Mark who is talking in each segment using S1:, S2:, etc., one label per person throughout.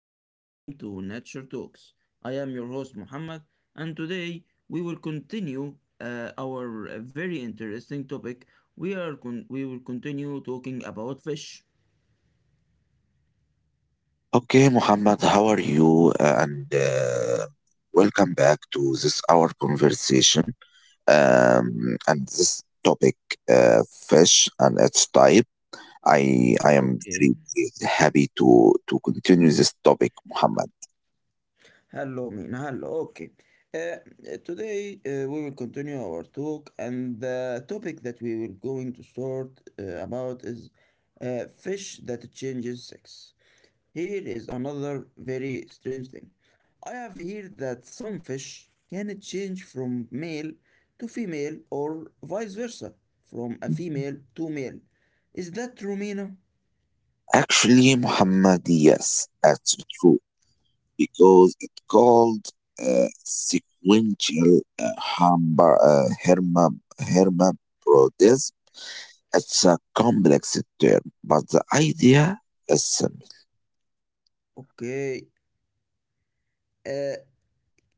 S1: and welcome to Nature Talks. I am your host Muhammad, and today we will continue our very interesting topic. We will continue talking about fish.
S2: Okay, Muhammad, how are you? And welcome back to this our conversation. And this topic, uh, fish and its type. I am
S1: Okay.
S2: very, very happy to continue this topic, Muhammad.
S1: Hello, Mina. Hello. Okay. Uh, Today we will continue our talk, and the topic that we will going to start about is fish that changes sex. Here is another very strange thing. I have heard that some fish can change from male to female or vice versa, from a female to male. Is that true, Mina?
S2: Actually, Muhammad, yes, that's true because it called sequential hermaphroditism. It's a complex term, but the idea is simple.
S1: Okay. Uh,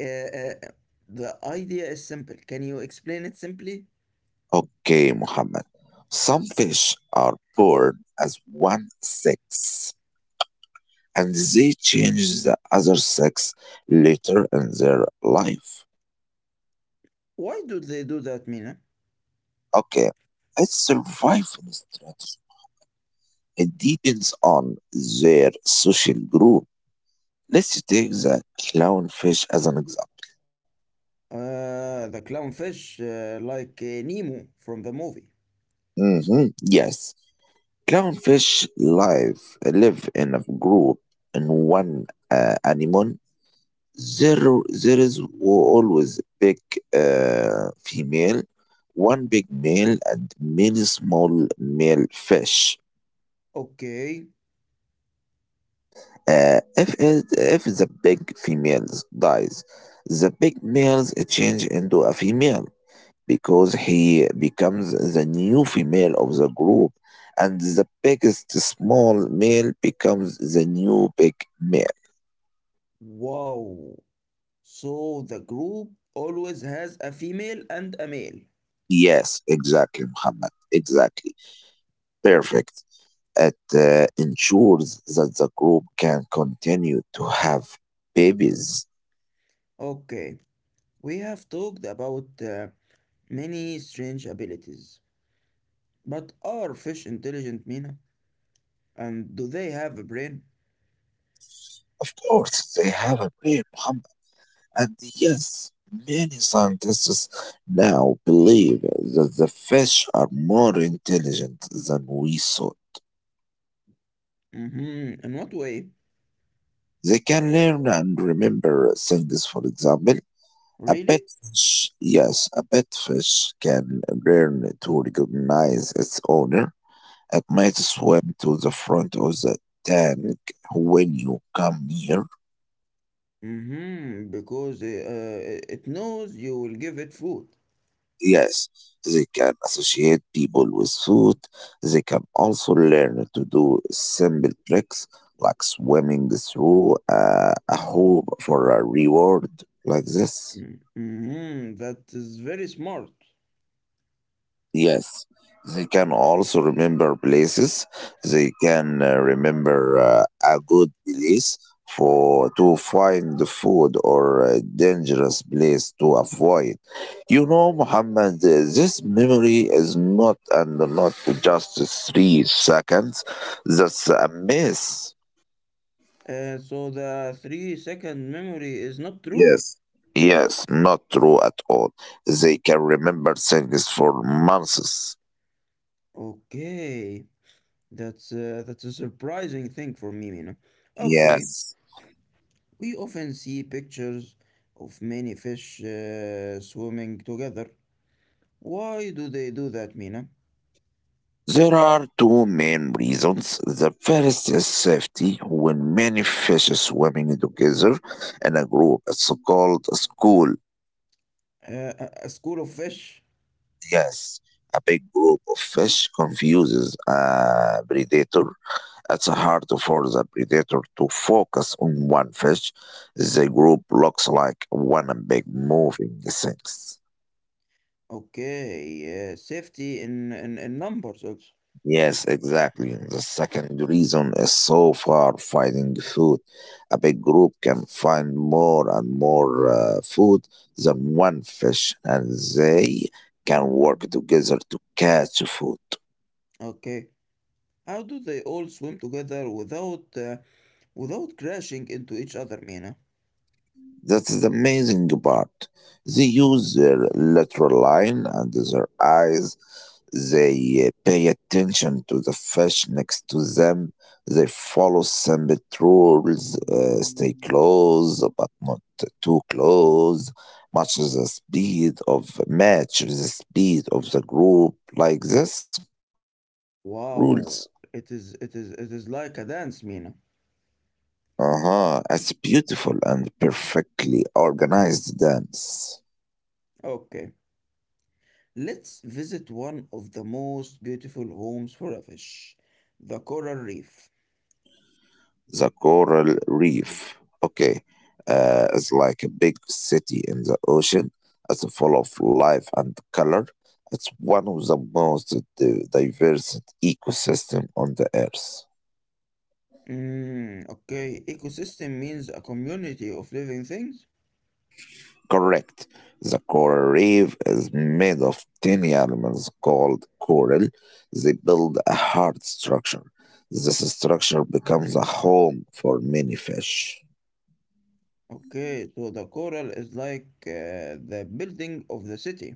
S1: uh, uh, the idea is simple. Can you explain it simply?
S2: Okay, Muhammad. Some fish are born as one sex, and they change the other sex later in their life.
S1: Why do they do that, Mina?
S2: Okay, it's survival strategy. It depends on their social group. Let's take the clownfish as an example.
S1: The clownfish, like Nemo from the movie.
S2: Hmm, yes, clownfish live in a group in one anemone. There, there is always big female, one big male, and many small male fish.
S1: Okay.
S2: If the big females dies, the big males change into a female. Because he becomes the new female of the group and the biggest small male becomes the new big male.
S1: Wow. So the group always has a female and a male.
S2: Yes, exactly, Muhammad. Exactly. Perfect. It ensures that the group can continue to have babies.
S1: Okay, we have talked about many strange abilities. But are fish intelligent, Mina? And do they have a brain?
S2: Of course, they have a baby, Muhammad. And yes, many scientists now believe that the fish are more intelligent than we thought.
S1: Mm-hmm. In what way?
S2: They can learn and remember things. For example, a
S1: Really?
S2: pet fish, yes, a pet fish can learn to recognize its owner. It might swim to the front of the tank when you come near.
S1: Mm-hmm. Because it knows you will give it food.
S2: Yes, they can associate people with food. They can also learn to do simple tricks like swimming through a hoop for a reward, like this.
S1: Mm-hmm. That is very smart.
S2: Yes, they can also remember places. They can remember a good place for to find the food or a dangerous place to avoid. You know, Muhammad, this memory is not just 3 seconds. That's a mess.
S1: So the three second memory is not true?
S2: Yes. Yes, not true at all. They can remember things for months.
S1: Okay. That's a surprising thing for me, Mina. Okay,
S2: Yes.
S1: we often see pictures of many fish swimming together. Why do they do that, Mina?
S2: There are two main reasons. The first is safety. When many fish are swimming together in a group, it's called a school.
S1: A school of fish.
S2: Yes, a big group of fish confuses a predator. It's hard for the predator to focus on one fish. The group looks like one big moving thing.
S1: Okay, safety in numbers also.
S2: Yes, exactly. The second reason is so far finding food. A big group can find more and more food than one fish, and they can work together to catch food.
S1: Okay, how do they all swim together without without crashing into each other, Mina?
S2: That is the amazing part. They use their lateral line and their eyes. They pay attention to the fish next to them. They follow some rules, stay close but not too close. Match the speed of the group like this rules.
S1: Wow, it is like a dance, Mina.
S2: Uh huh. It's beautiful and perfectly organized dance.
S1: Okay. Let's visit one of the most beautiful homes for a fish, the coral reef.
S2: The coral reef. Okay, it's like a big city in the ocean. It's full of life and color. It's one of the most diverse ecosystem on the earth.
S1: Mm, okay, ecosystem means a community of living things.
S2: Correct. The coral reef is made of tiny elements called coral. They build a hard structure. This structure becomes a home for many fish.
S1: Okay, so the coral is like the building of the city.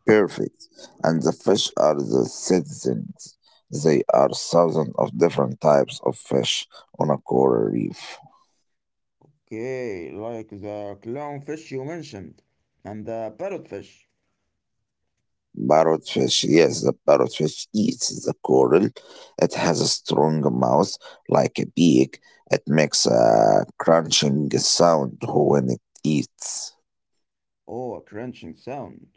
S2: Perfect. And the fish are the citizens. They are thousands of different types of fish on a coral reef.
S1: Okay, like the clownfish you mentioned, and the parrotfish.
S2: Parrotfish, yes, the parrotfish eats the coral. It has a strong mouth like a beak. It makes a crunching sound when it eats.
S1: Oh, a crunching sound.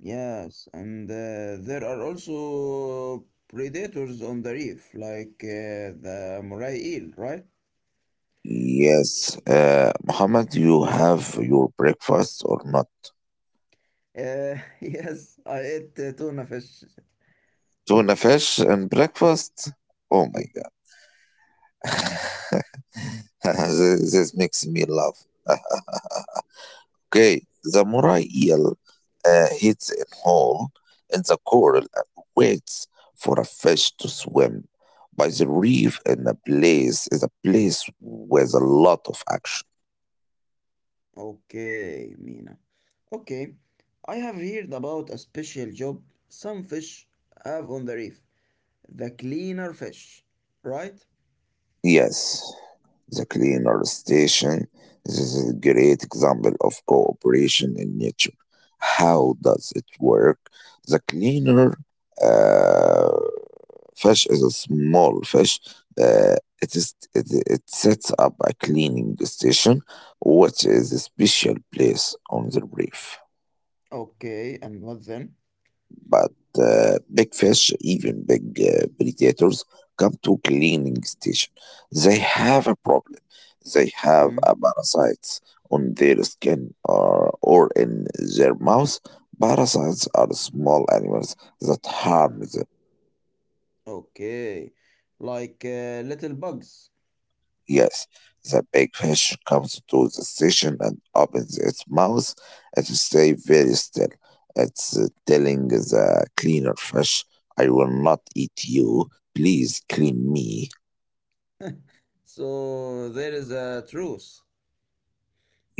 S1: Yes, and there are also predators on the reef, like the moray eel, right?
S2: Yes, Muhammad, you have your breakfast or not?
S1: Yes, I ate tuna fish.
S2: Tuna fish and breakfast? Oh
S1: Yeah.
S2: my. This makes me laugh. Okay, the Murai eel hits a hole in the coral and waits for a fish to swim by the reef in a place is a place with a lot of action.
S1: Okay, Mina. Okay, I have heard about a special job some fish have on the reef, the cleaner fish, right?
S2: Yes, the cleaner station. This is a great example of cooperation in nature. How does it work? The cleaner uh. fish is a small fish. Uh, it sets up a cleaning station, which is a special place on the reef.
S1: Okay, and what then?
S2: But big fish, even big predators, come to cleaning station. They have a problem. They have a
S1: Hmm.
S2: parasites on their skin or in their mouth. Parasites are small animals that harm.
S1: Okay, like little bugs.
S2: Yes, the big fish comes to the station and opens its mouth and stays very still. It's telling the cleaner fish, I will not eat you. Please clean me.
S1: So there is a truth.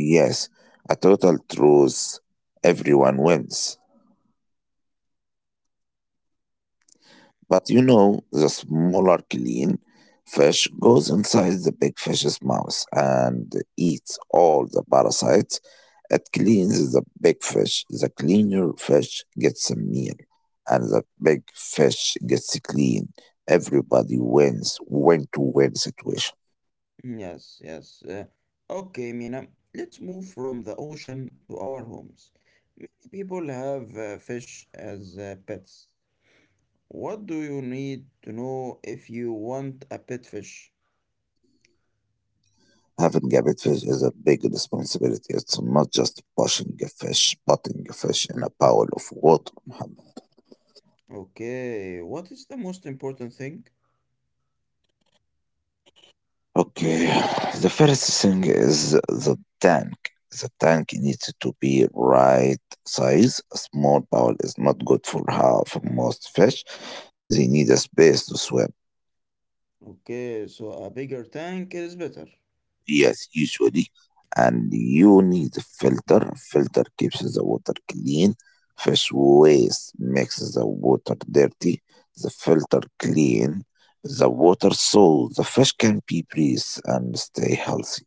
S2: Yes, a total truce. Everyone wins. But the smaller clean fish goes inside the big fish's mouth and eats all the parasites. It cleans the big fish. The cleaner fish gets a meal, and the big fish gets clean. Everybody wins, win to win situation.
S1: Yes, yes. Okay, Mina, let's move from the ocean to our homes. People have fish as pets. What do you need to know if you want a pet fish?
S2: Having a big fish is a big responsibility. It's not just pushing a fish, putting a fish in a bowl of water, Muhammad.
S1: Okay, what is the most important thing?
S2: Okay, the first thing is the tank. The tank needs to be right size. A small bowl is not good for most fish. They need a space to swim.
S1: Okay, so a bigger tank is better.
S2: Yes, usually, and you need a filter. Filter keeps the water clean. Fish waste makes the water dirty. The filter clean the water so the fish can be breathe and stay healthy.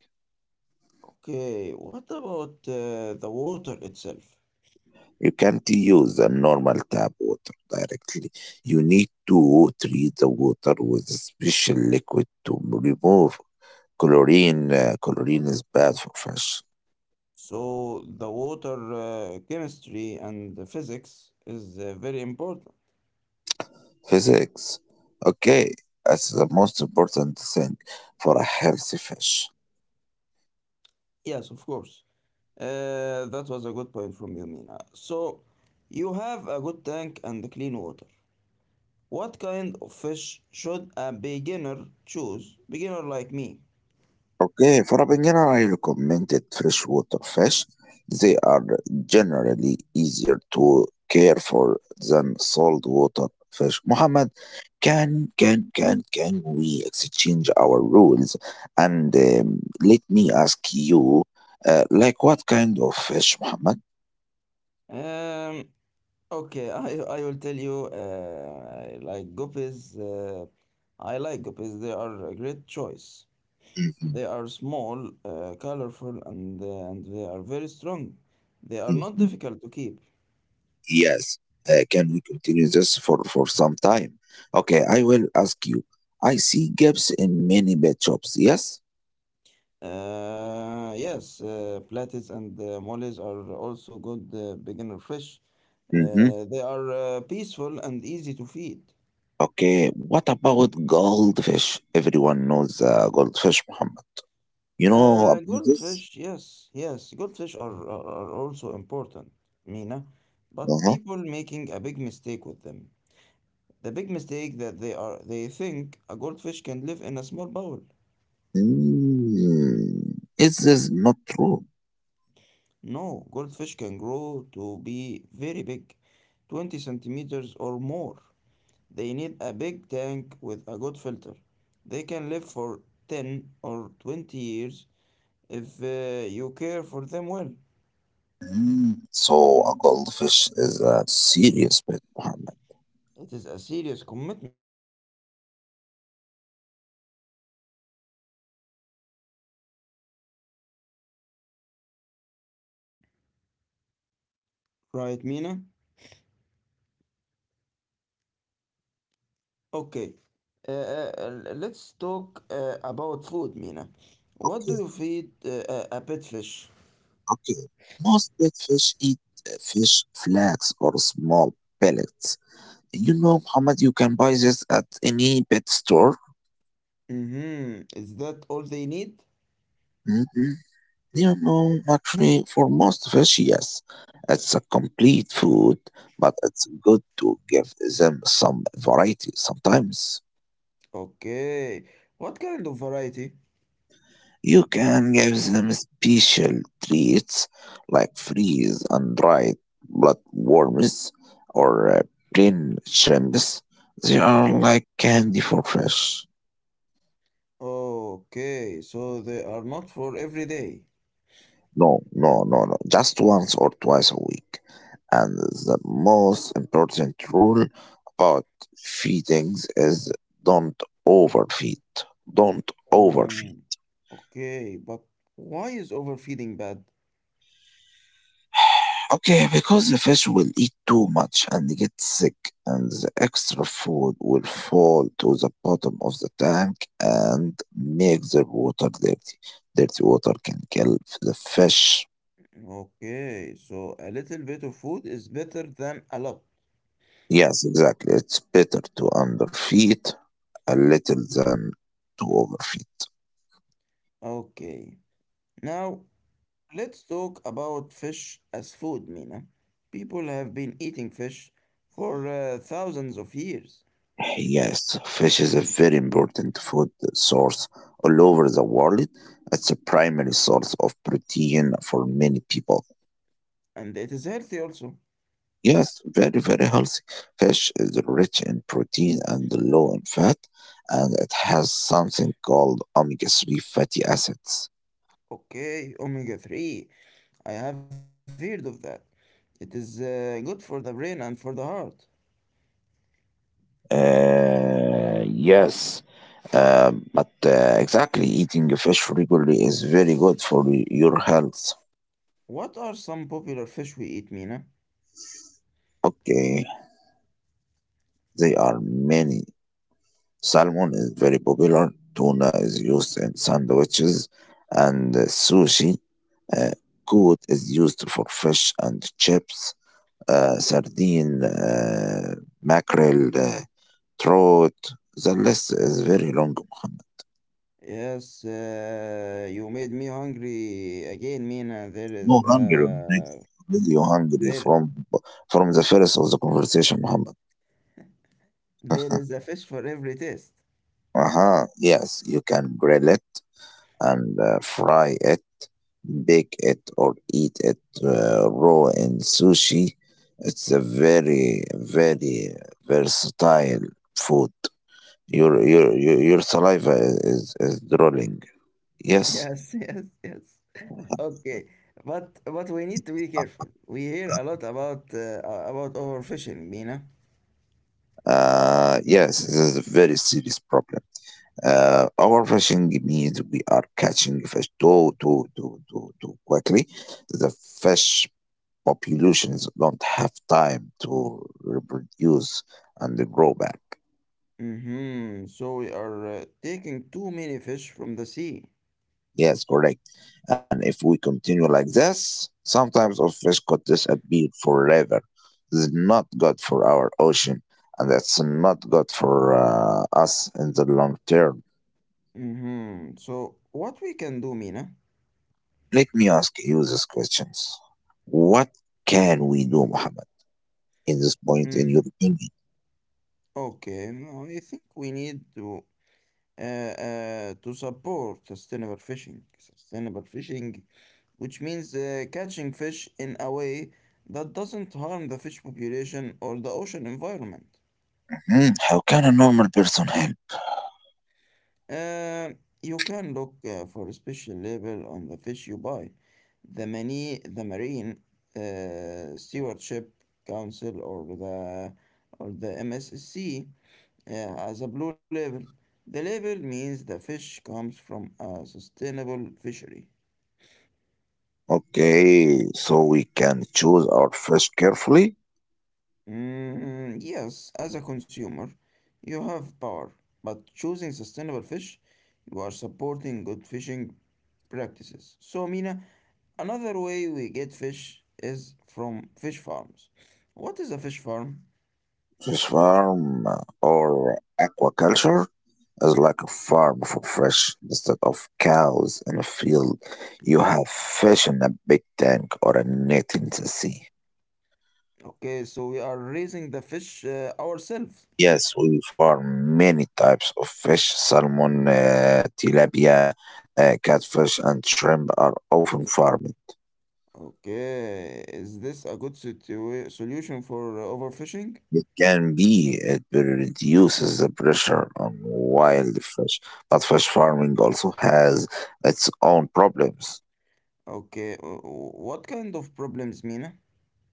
S1: Okay, what about the water itself?
S2: You can't use the normal tap water directly. You need to treat the water with a special liquid to remove chlorine. Chlorine is bad for fish.
S1: So the water chemistry and the physics is very important.
S2: Physics. Okay, that's the most important thing for a healthy fish.
S1: Yes, of course. That was a good point from you, Mina. So you have a good tank and clean water. What kind of fish should a beginner choose? Beginner like me.
S2: Okay, for a banana, I recommended freshwater fish. They are generally easier to care for than saltwater fish. Muhammad, can we exchange our rules? And let me ask you, like what kind of fish, Muhammad?
S1: Um, okay, I will tell you, I like guppies. I like guppies. They are a great choice.
S2: Mhm,
S1: They are small, colorful, and they are very strong. They are not
S2: mhm.
S1: difficult to keep.
S2: Yes. Can we continue this for some time? Okay, I will ask you. I see gaps in many pet shops. Yes.
S1: Yes, platits and mollies are also good beginner fish.
S2: Mhm.
S1: They are peaceful and easy to feed.
S2: Okay, what about goldfish? Everyone knows goldfish, Muhammad. You know
S1: Uh,
S2: about this?
S1: goldfish, yes, yes, goldfish are, are, are also important, Mina, but
S2: Uh-huh.
S1: people making a big mistake with them. The big mistake that they are they think a goldfish can live in a small bowl.
S2: Mm, is this not true?
S1: No, goldfish can grow to be very big, 20 centimeters or more. They need a big tank with a good filter. They can live for 10 or 20 years if you care for them well.
S2: Mm, so a goldfish is a serious pet, Muhammad.
S1: It is a serious commitment. You should always research for a fish
S2: Uh-huh.
S1: before you buy it.
S2: Okay. You should always research and fish before,
S1: Right, Mina?
S2: but yes, yes, Muhammad. Let me ask you.
S1: Okay. Uh, uh, let's talk about food, Mina. What do you feed a pet fish?
S2: Okay. Most big fish eat fish flakes or small pellets. You know, Muhammad, you can buy this at any pet store.
S1: Mm-hmm. Is that all they need?
S2: Mhm. You know, actually, for most fish, yes, it's a complete food, but it's good to give them some variety sometimes.
S1: Okay. What kind of variety?
S2: You can give them special treats like freeze and dried bloodworms or plain shrimps. They are like candy for fish.
S1: Okay, so they are not for every day.
S2: No, no, no, no. Just once or twice a week. And the most important rule about feedings is don't overfeed. Don't overfeed.
S1: Um, okay, but why is overfeeding bad?
S2: Okay, because the fish will eat too much and get sick, and the extra food will fall to the bottom of the tank and make the water dirty. Dirty water can kill the fish.
S1: Okay, so a little bit of food is better than a lot.
S2: Yes, exactly. It's better to underfeed a little than to overfeed.
S1: Okay, now let's talk about fish as food, Mina. People have been eating fish for thousands of years,
S2: Yes, fish is a very important food source all over the world. It's a primary source of protein for many people.
S1: and it is healthy also.
S2: Yes, very, very healthy. Fish is rich in protein and low in fat, and it has something called omega 3 fatty acids.
S1: Okay, omega 3, I have heard of that. It is good for the brain and for the heart.
S2: Yes, but exactly, eating fish regularly is very good for your health.
S1: What are some popular fish we eat, Mina?
S2: Okay, there are many. Salmon is very popular, tuna is used in sandwiches and sushi. Uh, cod is used for fish and chips sardine, mackerel, trout. The list is very long, Muhammad.
S1: Yes, you made me hungry again, Mina. There
S2: No
S1: is
S2: hunger already.
S1: uh,
S2: Already you hungry
S1: there
S2: from the first of the conversation, Muhammad.
S1: There is a fish for every taste.
S2: Uh-huh. Yes, you can grill it and fry it, bake it, or eat it raw in sushi. It's a very, very versatile food. Your saliva is drooling. Yes,
S1: Yes, yes, yes. Okay, but we need to be careful. We hear a lot about overfishing, Mina.
S2: yes, this is a very serious problem. Overfishing means we are catching fish too quickly. The fish populations don't have time to reproduce and grow back.
S1: Mm-hmm. So we are taking too many fish from the sea.
S2: Yes, correct. And if we continue like this, sometimes of fish could disappear forever. This is not good for our ocean, and that's not good for us in the long term.
S1: Mm-hmm. So what we can do, Mina?
S2: Let me ask you these questions. What can we do, Muhammad, in this point, in your
S1: Mm,
S2: opinion?
S1: okay, no, I think we need to support sustainable fishing. Sustainable fishing which means catching fish in a way that doesn't harm the fish population or the ocean environment.
S2: Hmm, how can a normal person help?
S1: Uh, you can look for a special label on the fish you buy. The, many, the Marine Stewardship Council or the MSC, has a blue label. The label means the fish comes from a sustainable fishery.
S2: Okay, so we can choose our fish carefully.
S1: Mm, yes, as a consumer, you have power, but choosing sustainable fish, you are supporting good fishing practices. So, Mina, another way we get fish is from fish farms. What is a fish farm?
S2: Fish farm or aquaculture is like a farm for fish. Instead of cows in a field, you have fish in a big tank or a net in the sea.
S1: Okay, so we are raising the fish ourselves.
S2: Yes, we farm many types of fish. Salmon, tilapia, catfish, and shrimp are often farmed.
S1: Okay, is this a good solution for overfishing?
S2: It can be, it reduces the pressure on wild fish, but fish farming also has its own problems.
S1: Okay, what kind of problems, Mina?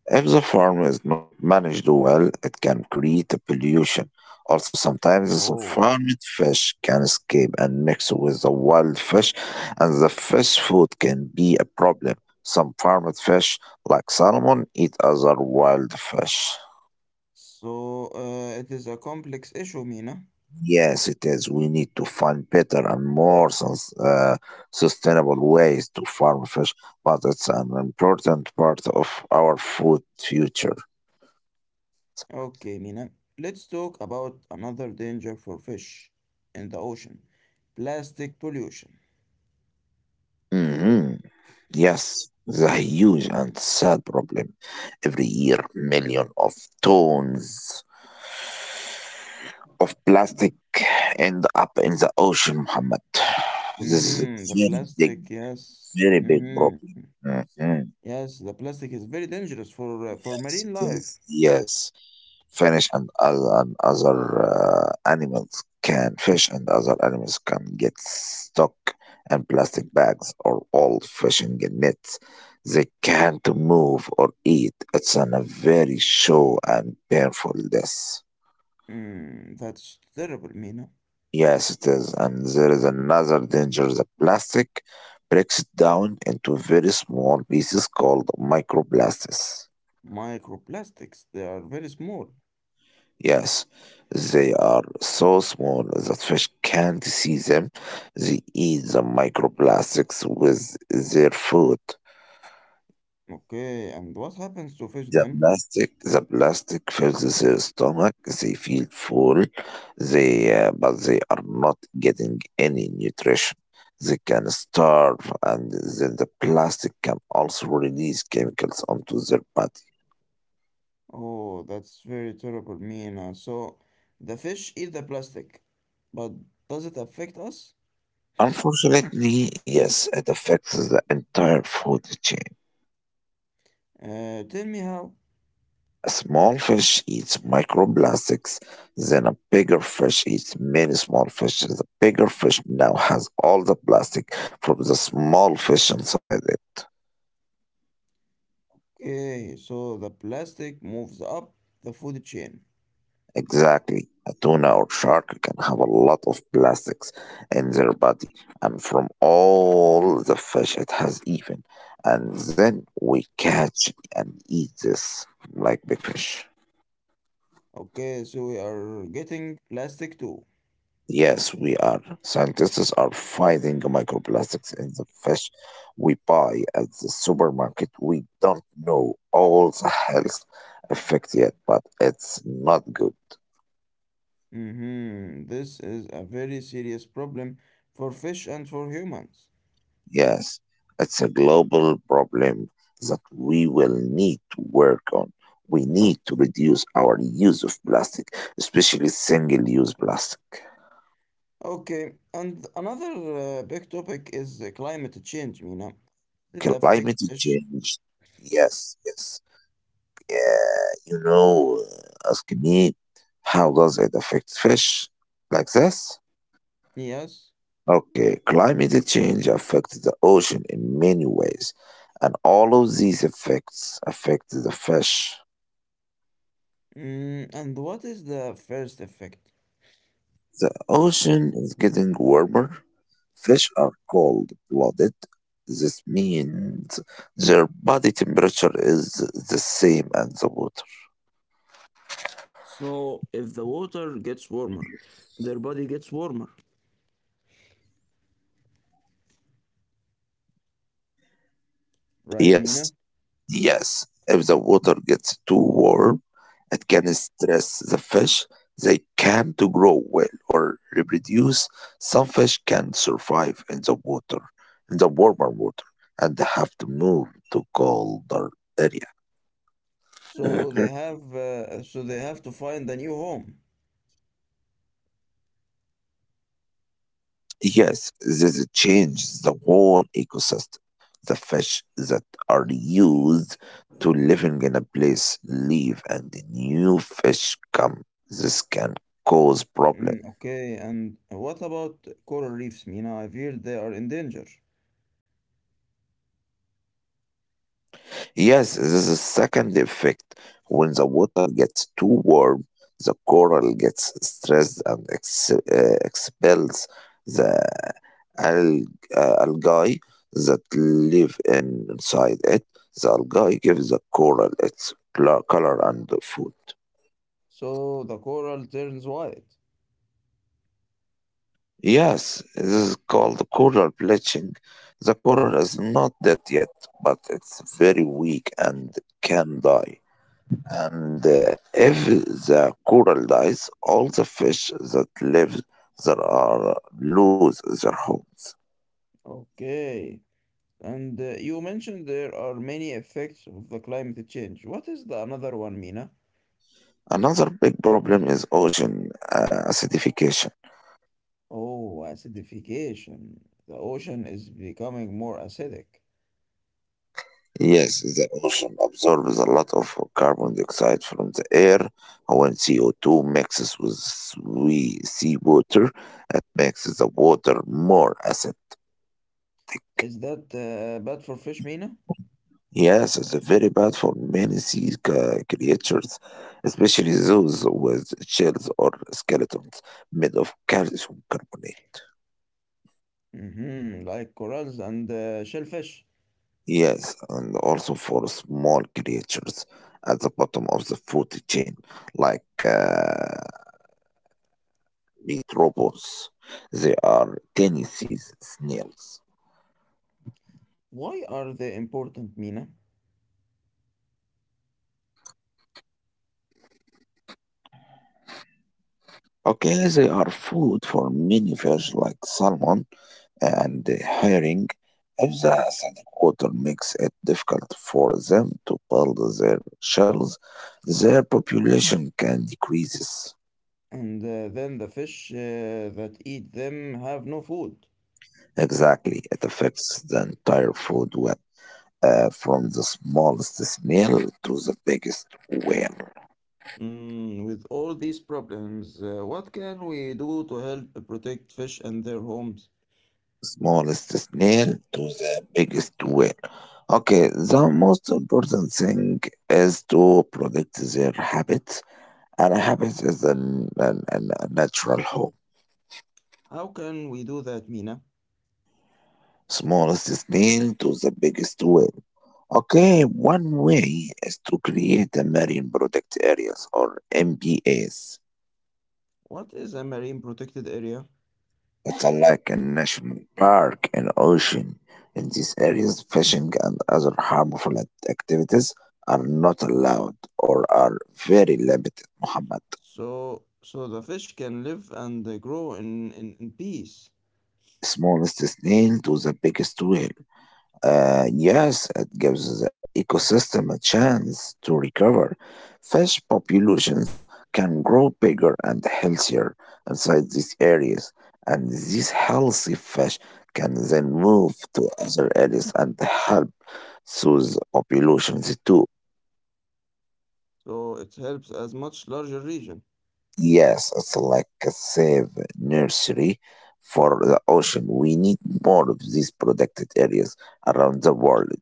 S2: If the farm is not managed well, it can create a pollution. Also, sometimes
S1: Oh.
S2: the farmed fish can escape and mix with the wild fish, and the fish food can be a problem. Some farmed fish, like salmon, eat other wild fish.
S1: So, it is a complex issue, Mina.
S2: Yes, it is. We need to find better and more sustainable ways to farm fish, but it's an important part of our food future.
S1: Okay, Mina. Let's talk about another danger for fish in the ocean. Plastic pollution.
S2: Hmm, yes, it's a huge and sad problem. Every year, millions of tons of plastic end up in the ocean, Muhammad. This is a
S1: Mm-hmm. The
S2: very big,
S1: plastic, yes.
S2: very big
S1: Mm-hmm.
S2: problem. Mhm.
S1: Yes, the plastic is very dangerous for marine
S2: Yes, it
S1: life.
S2: is. Yes. Fish and other animals can get stuck in plastic bags or old fishing nets. They can't move or eat. It's a very slow and painful death.
S1: Mm, that's terrible, Mina.
S2: Yes, it is, and there is another danger. The plastic breaks down into very small pieces called microplastics.
S1: Microplastics, they are very small.
S2: Yes, they are so small that fish can't see them. They eat the microplastics with their food.
S1: Okay, and what happens to fish
S2: The
S1: then?
S2: plastic, the plastic fills their stomach. They feel full. But they are not getting any nutrition. They can starve, and then the plastic can also release chemicals onto their body.
S1: Oh, that's very terrible, Mina. So the fish eat the plastic, but does it affect us?
S2: Unfortunately, yes, it affects the entire food chain.
S1: Tell me how.
S2: A small fish eats microplastics, then a bigger fish eats many small fishes. The bigger fish now has all the plastic from the small fish inside it.
S1: Okay, so the plastic moves up the food chain.
S2: Exactly. A tuna or shark can have a lot of plastics in their body, and from all the fish it has even. And then we catch and eat this like big fish.
S1: Okay, so we are getting plastic too.
S2: Yes, we are. Scientists are finding microplastics in the fish we buy at the supermarket. We don't know all the health effect yet, but it's not good.
S1: Mm-hmm. This is a very serious problem for fish and for humans.
S2: Yes, it's a global problem that we will need to work on. We need to reduce our use of plastic, especially single use plastic.
S1: Okay, and another big topic is climate change, Mina. Does it affect
S2: Climate
S1: fish?
S2: change. Yes, yes. Yeah, asking me how does it affect fish like this?
S1: Yes.
S2: Okay, climate change affects the ocean in many ways, and all of these effects affect the fish.
S1: Mm, and what is the first effect?
S2: The ocean is getting warmer. Fish are cold-blooded. This means their body temperature is the same as the water.
S1: So, if the water gets warmer, their body gets warmer. Right, Mina?
S2: Yes, yes. If the water gets too warm, it can stress the fish. They can to grow well or reproduce. Some fish can survive in the water, in the warmer water, and have to move to colder area.
S1: So they
S2: Mhm.
S1: have uh, so they have to find a new home.
S2: Yes, this changes the whole ecosystem. The fish that are used to living in a place leave and the new fish come. This can cause
S1: Mm,
S2: problems.
S1: okay, and what about coral reefs, Mina? I've heard they are in danger.
S2: Yes, this is the second effect. When the water gets too warm, the coral gets stressed and expels the alg- algae that live inside it. The algae gives the coral its color and food.
S1: So the coral turns white.
S2: Yes, this is called coral bleaching. The coral is not dead yet, but it's very weak and can die. And if the coral dies, all the fish that live there are lose their homes.
S1: Okay. And you mentioned there are many effects of the climate change. What is the another one, Mina?
S2: Another big problem is ocean acidification.
S1: Oh, acidification. The ocean is becoming more acidic.
S2: Yes, the ocean absorbs a lot of carbon dioxide from the air. When CO2 mixes with seawater, it makes the water more acid.
S1: Is that bad for fish, Mina?
S2: Yes, it's very bad for many sea creatures, especially those with shells or skeletons made of calcium carbonate.
S1: Mm hmm like corals and shellfish.
S2: Yes, and also for small creatures at the bottom of the food chain, like meat. They are Tennessee snails.
S1: Why are they important, Mina?
S2: Okay, they are food for many fish like salmon and the hiring. If the acidic water makes it difficult for them to build their shells, their population can decrease.
S1: And then the fish that eat them have no food.
S2: Exactly, it affects the entire food web, from the smallest snail to the biggest whale.
S1: Mm, with all these problems, what can we do to help protect fish and their homes?
S2: Smallest snail to the biggest whale. Okay, the most important thing is to protect their habits, and a habit is a natural home.
S1: How can we do that, Mina?
S2: Smallest snail to the biggest whale. Okay, one way is to create a marine product areas or MPAs.
S1: What is a marine protected area?
S2: It's a like a national park and ocean. In these areas, fishing and other harmful activities are not allowed or are very limited, Muhammad.
S1: So the fish can live and they grow in peace.
S2: Smallest snail to the biggest whale. Yes, it gives the ecosystem a chance to recover. Fish populations can grow bigger and healthier inside these areas, and these healthy fish can then move to other areas and help those populations too.
S1: So it helps as much larger region.
S2: Yes, it's like a safe nursery for the ocean. We need more of these protected areas around the world.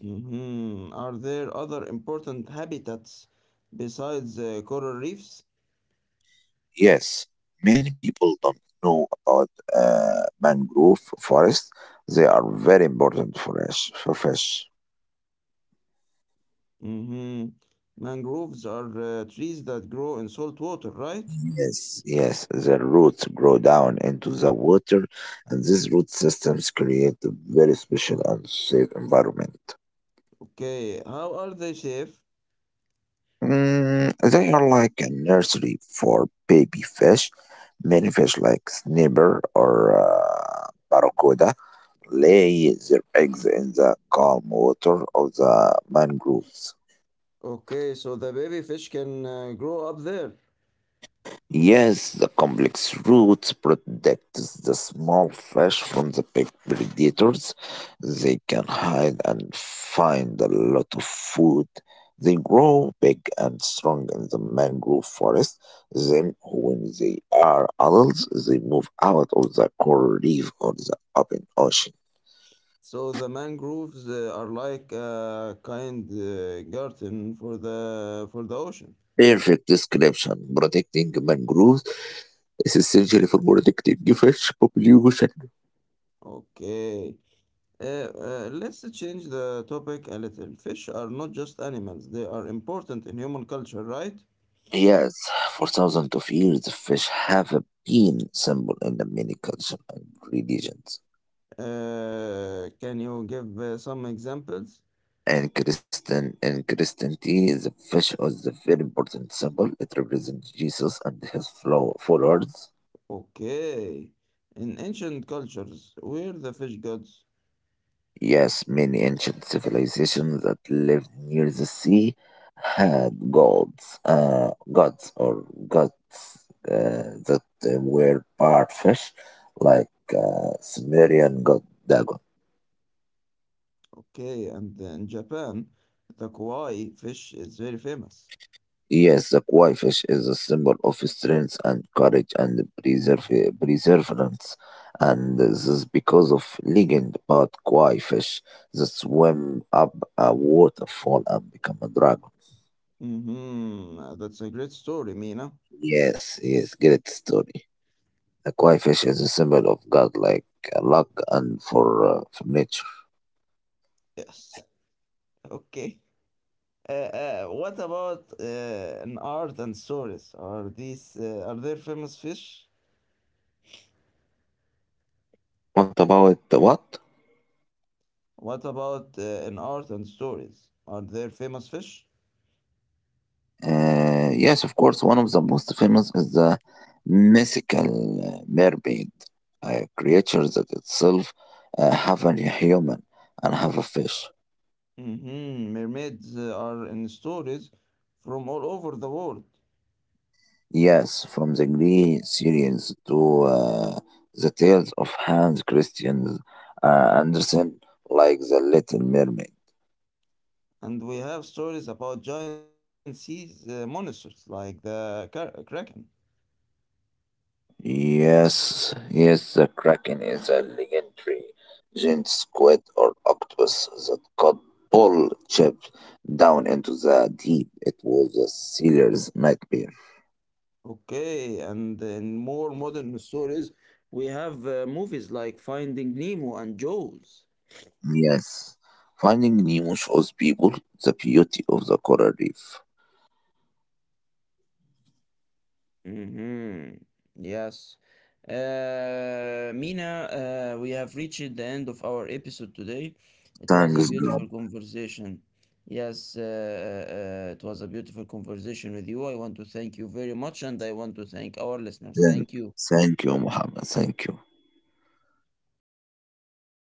S1: Hmm. Are there other important habitats besides coral reefs?
S2: Yes, many people don't know about mangrove forests. They are very important for us, for fish.
S1: Hmm. Mangroves are trees that grow in salt water, right?
S2: Yes, yes, the roots grow down into the water, and these root systems create a very special and safe environment.
S1: Okay, how are they safe?
S2: Mm, they are like a nursery for baby fish. Many fish like snapper or barracuda lay their eggs in the calm water of the mangroves.
S1: Okay, so the baby fish can grow up there.
S2: Yes, the complex roots protects the small fish from the big predators. They can hide and find a lot of food. They grow big and strong in the mangrove forest. Then, when they are adults, they move out of the coral reef or the open ocean.
S1: So the mangroves are like a kind garden for the ocean.
S2: Perfect description. Protecting mangroves is essentially for protecting fish population.
S1: Okay. Let's change the topic a little. Fish are not just animals, they are important in human culture, right?
S2: Yes, for thousands of years, fish have been symbol in the many cultures and religions.
S1: Can you give some examples?
S2: And Christian in Christianity, the fish was a very important symbol. It represents Jesus and his followers.
S1: Okay. In ancient cultures, we're the fish gods.
S2: Yes, many ancient civilizations that lived near the sea had gods, gods or gods that were part fish, like Sumerian god Dagon.
S1: Okay, and in Japan, the koi fish is very famous.
S2: Yes, the koi fish is a symbol of strength and courage and perseverance, and this is because of legend about koi fish that swim up a waterfall and become a dragon.
S1: Mm-hmm. That's a great story, Mina.
S2: Yes, yes, great story. Aquafish is a symbol of godlike luck and for nature.
S1: Yes. Okay. What about in art and stories? Are these are there famous fish?
S2: What about the what?
S1: What about in art and stories? Are there famous fish?
S2: Yes, of course, one of the most famous is the mythical mermaid, a creature that itself have a human and have a fish.
S1: Hmm. Mermaids are in stories from all over the world,
S2: Yes, from the Greek series to the tales of Hans Christian Andersen, like the Little Mermaid.
S1: and we have stories about giant sea monsters like the kraken.
S2: Yes, yes, the Kraken is a legendary giant squid or octopus that could pull ships down into the deep. It was a sailor's nightmare.
S1: Okay, and in more modern stories, we have movies like Finding Nemo and Jaws.
S2: Yes, Finding Nemo shows people the beauty of the coral reef.
S1: Hmm. Yes. Mina, we have reached the end of our episode today. It was a
S2: Thanks, God.
S1: beautiful conversation. Yes, it was a beautiful conversation with you. I want to thank you very much, and I want to thank our listeners.
S2: Thank
S1: Thank
S2: you,
S1: you.
S2: Thank you, Muhammad. Thank you.